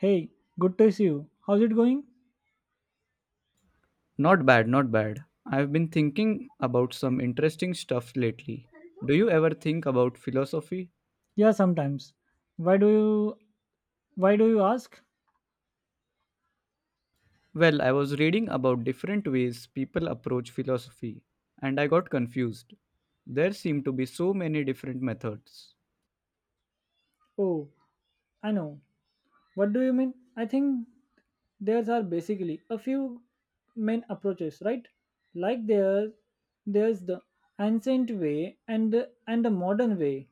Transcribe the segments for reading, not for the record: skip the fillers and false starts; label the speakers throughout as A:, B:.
A: Hey, good to see you. How's it going?
B: Not bad, not bad. I've been thinking about some interesting stuff lately. Do you ever think about philosophy?
A: Yeah, sometimes. Why do you why do you ask?
B: Well, I was reading about different ways people approach philosophy, and I got confused. There seem to be so many different methods.
A: Oh, I know. What do you mean? I think there are basically a few main approaches, right? Like there's the ancient way and the modern way.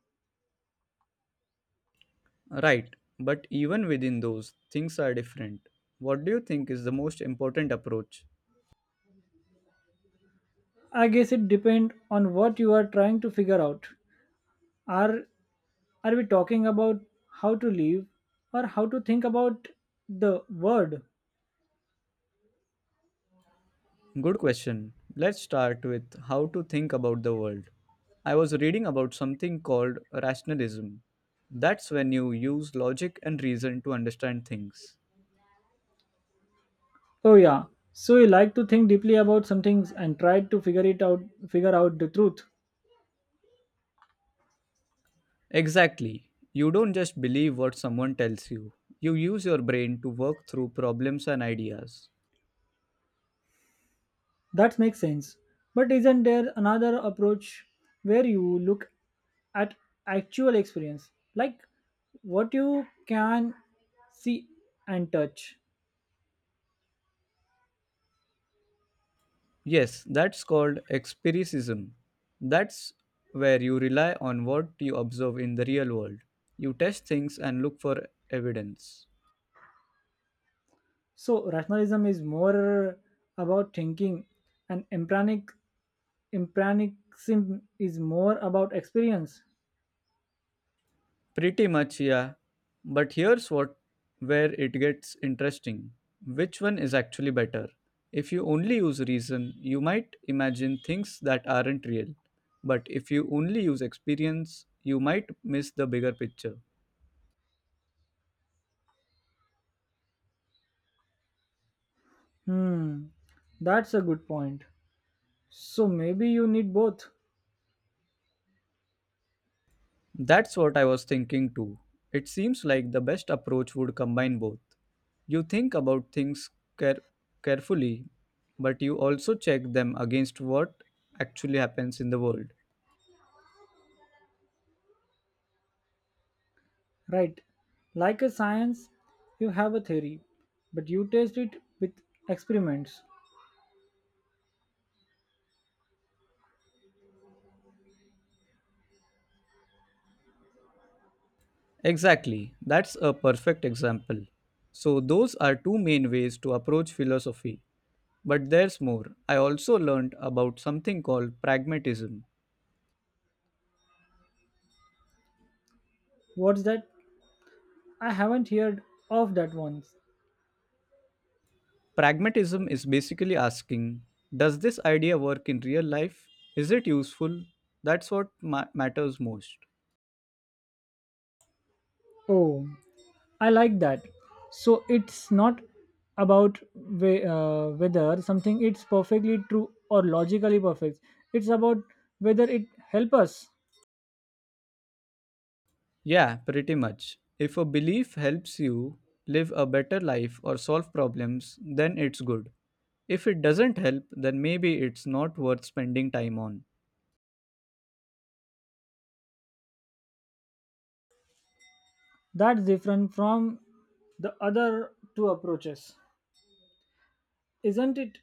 B: Right, but even within those, things are different. What do you think is the most important approach?
A: I guess it depends on what you are trying to figure out. Are are we talking about how to live or how to think about the world?
B: Good question. Let's start with how to think about the world. I was reading about something called rationalism. That's when you use logic and reason to understand things.
A: Oh yeah. So you like to think deeply about some things and try to figure out the truth.
B: Exactly. You don't just believe what someone tells you, you use your brain to work through problems and ideas.
A: That makes sense. But isn't there another approach where you look at actual experience? Like what you can see and touch.
B: Yes, that's called empiricism. That's where you rely on what you observe in the real world. You test things and look for evidence.
A: So rationalism is more about thinking and empiricism is more about experience.
B: Pretty much, yeah. But here's what where it gets interesting. Which one is actually better? If you only use reason, you might imagine things that aren't real. But if you only use experience, you might miss the bigger picture.
A: Hmm. That's a good point. So maybe you need both.
B: That's what I was thinking too. It seems like the best approach would combine both. You think about things care- carefully, but you also check them against what actually happens in the world.
A: Right. Like a science, you have a theory, but you test it with experiments.
B: Exactly, that's a perfect example. So, those are two main ways to approach philosophy. But there's more. I also learned about something called pragmatism.
A: What's that? I haven't heard of that once.
B: Pragmatism is basically asking, does this idea work in real life? Is it useful? That's what matters most.
A: Oh, I like that. So it's not about whether something it's perfectly true or logically perfect. It's about whether it help us.
B: Yeah, pretty much. If a belief helps you live a better life or solve problems, then it's good. If it doesn't help, then maybe it's not worth spending time on.
A: That's different from the other two approaches, isn't it?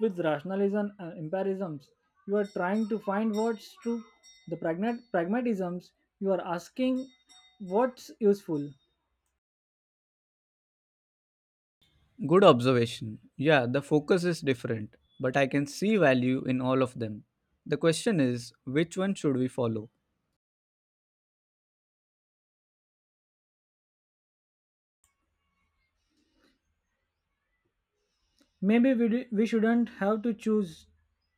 A: With rationalism and empirisms. You are trying to find what's true. The pragmatisms, you are asking what's useful.
B: Good observation. Yeah, the focus is different, but I can see value in all of them. The question is, which one should we follow?
A: Maybe we shouldn't have to choose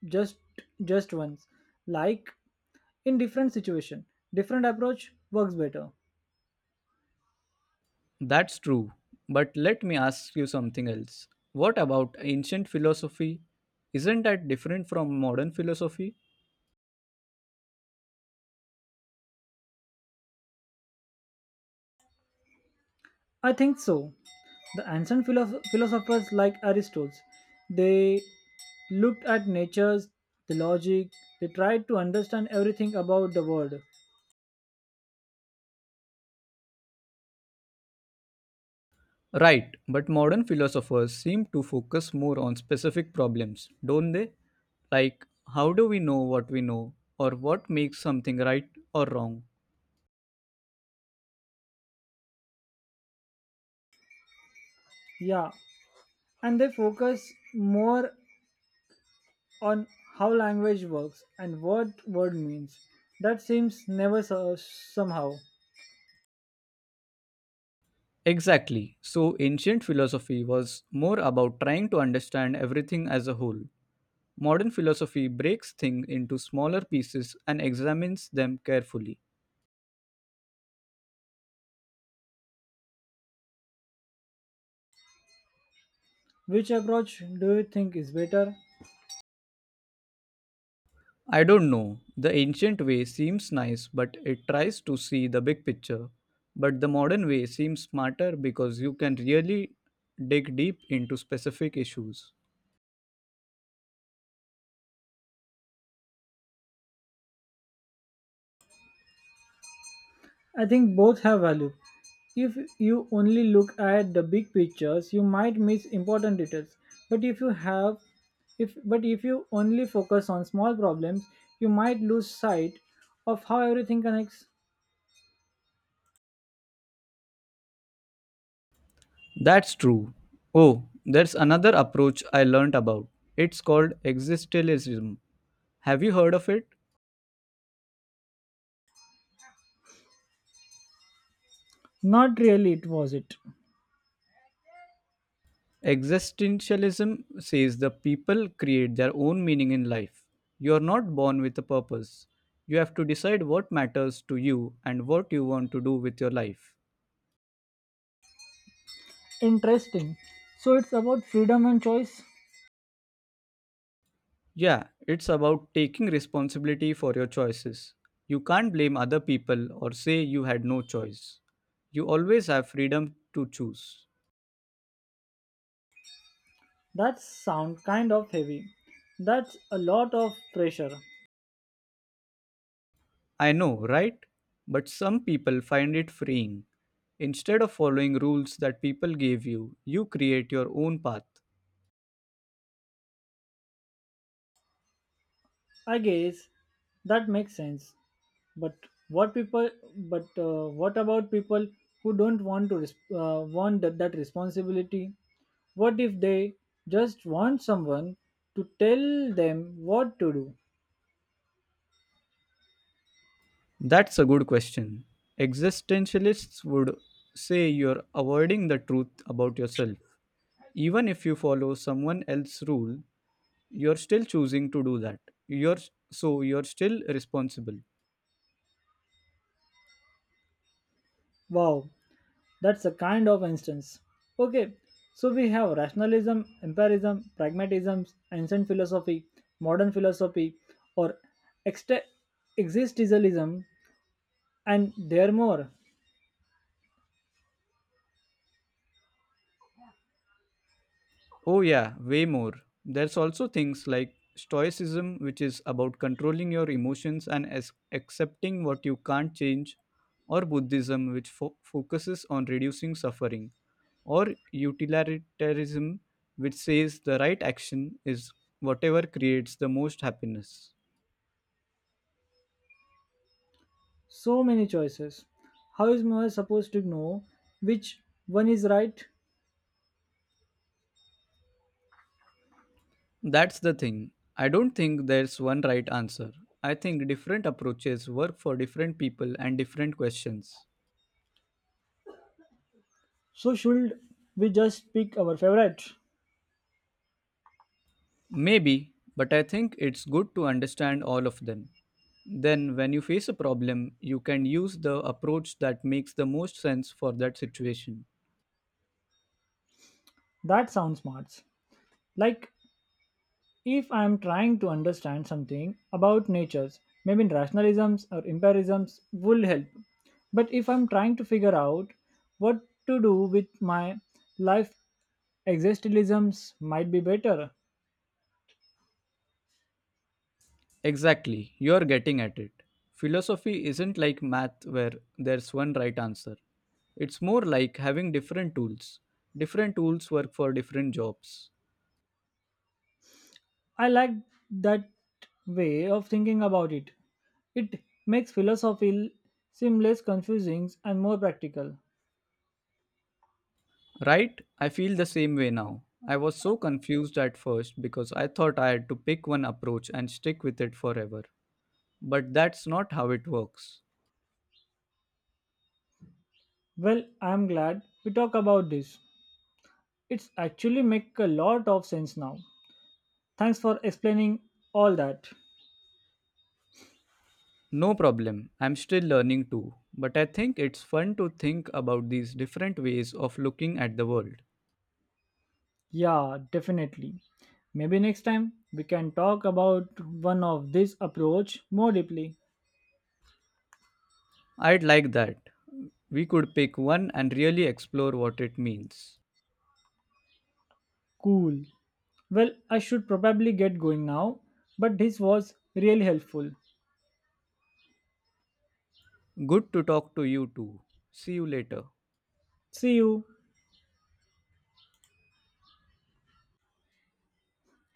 A: just just once. Like in different situation, different approach works better.
B: That's true, but let me ask you something else. What about ancient philosophy? Isn't that different from modern philosophy?
A: I think so. The philosophers like Aristotle, they looked at natures, the logic, they tried to understand everything about the world.
B: Right, but modern philosophers seem to focus more on specific problems, don't they? Like, how do we know what we know, or what makes something right or wrong?
A: Yeah, and they focus more on how language works and what word means. That seems never so, somehow.
B: Exactly. So, ancient philosophy was more about trying to understand everything as a whole. Modern philosophy breaks things into smaller pieces and examines them carefully.
A: Which approach do you think is better?
B: I don't know. The ancient way seems nice, but it tries to see the big picture. But the modern way seems smarter because you can really dig deep into specific issues.
A: I think both have value. If you only look at the big pictures, you might miss important details. But if you have if but if you only focus on small problems, you might lose sight of how everything connects.
B: That's true. Oh, there's another approach I learned about. It's called existentialism. Have you heard of it?
A: Not really it was it.
B: Existentialism says the people create their own meaning in life. You are not born with a purpose. You have to decide what matters to you and what you want to do with your life.
A: Interesting. So it's about freedom and choice.
B: Yeah, it's about taking responsibility for your choices. You can't blame other people or say you had no choice. You always have freedom to choose.
A: That sound kind of heavy. That's a lot of pressure.
B: I know, right? But some people find it freeing. Instead of following rules that people gave you, you create your own path.
A: I guess that makes sense. But what people? But What about people who don't want to want that responsibility? What if they just want someone to tell them what to do?
B: That's a good question. Existentialists would say you're avoiding the truth about yourself. Even if you follow someone else's rule, you're still choosing to do that. You're so you're still responsible.
A: Wow, that's a kind of instance. Okay, so we have rationalism, empirism, pragmatism, ancient philosophy, modern philosophy, or ext- existentialism, and there are more.
B: Oh yeah, way more. There's also things like stoicism, which is about controlling your emotions and accepting what you can't change, or buddhism, which focuses on reducing suffering, or utilitarianism, which says the right action is whatever creates the most happiness.
A: So many choices. How is Moha supposed to know which one is right?
B: That's the thing. I don't think there's one right answer. I think different approaches work for different people and different questions.
A: So should we just pick our favorite?
B: Maybe, but I think it's good to understand all of them. Then, when you face a problem, you can use the approach that makes the most sense for that situation.
A: That sounds smart. Like if I am trying to understand something about natures, maybe rationalisms or empirisms will help. But if I'm trying to figure out what to do with my life, existentialisms might be better.
B: Exactly, you're getting at it. Philosophy isn't like math where there's one right answer. It's more like having different tools. Different tools work for different jobs.
A: I like that way of thinking about it. It makes philosophy seem less confusing and more practical.
B: Right? I feel the same way now. I was so confused at first because I thought I had to pick one approach and stick with it forever. But that's not how it works.
A: Well, I am glad we talk about this. It's actually make a lot of sense now. Thanks for explaining all that.
B: No problem, I'm still learning too. But I think it's fun to think about these different ways of looking at the world.
A: Yeah, definitely. Maybe next time we can talk about one of this approach more deeply.
B: I'd like that. We could pick one and really explore what it means.
A: Cool. Well, I should probably get going now, but this was really helpful.
B: Good to talk to you too. See you later.
A: See you.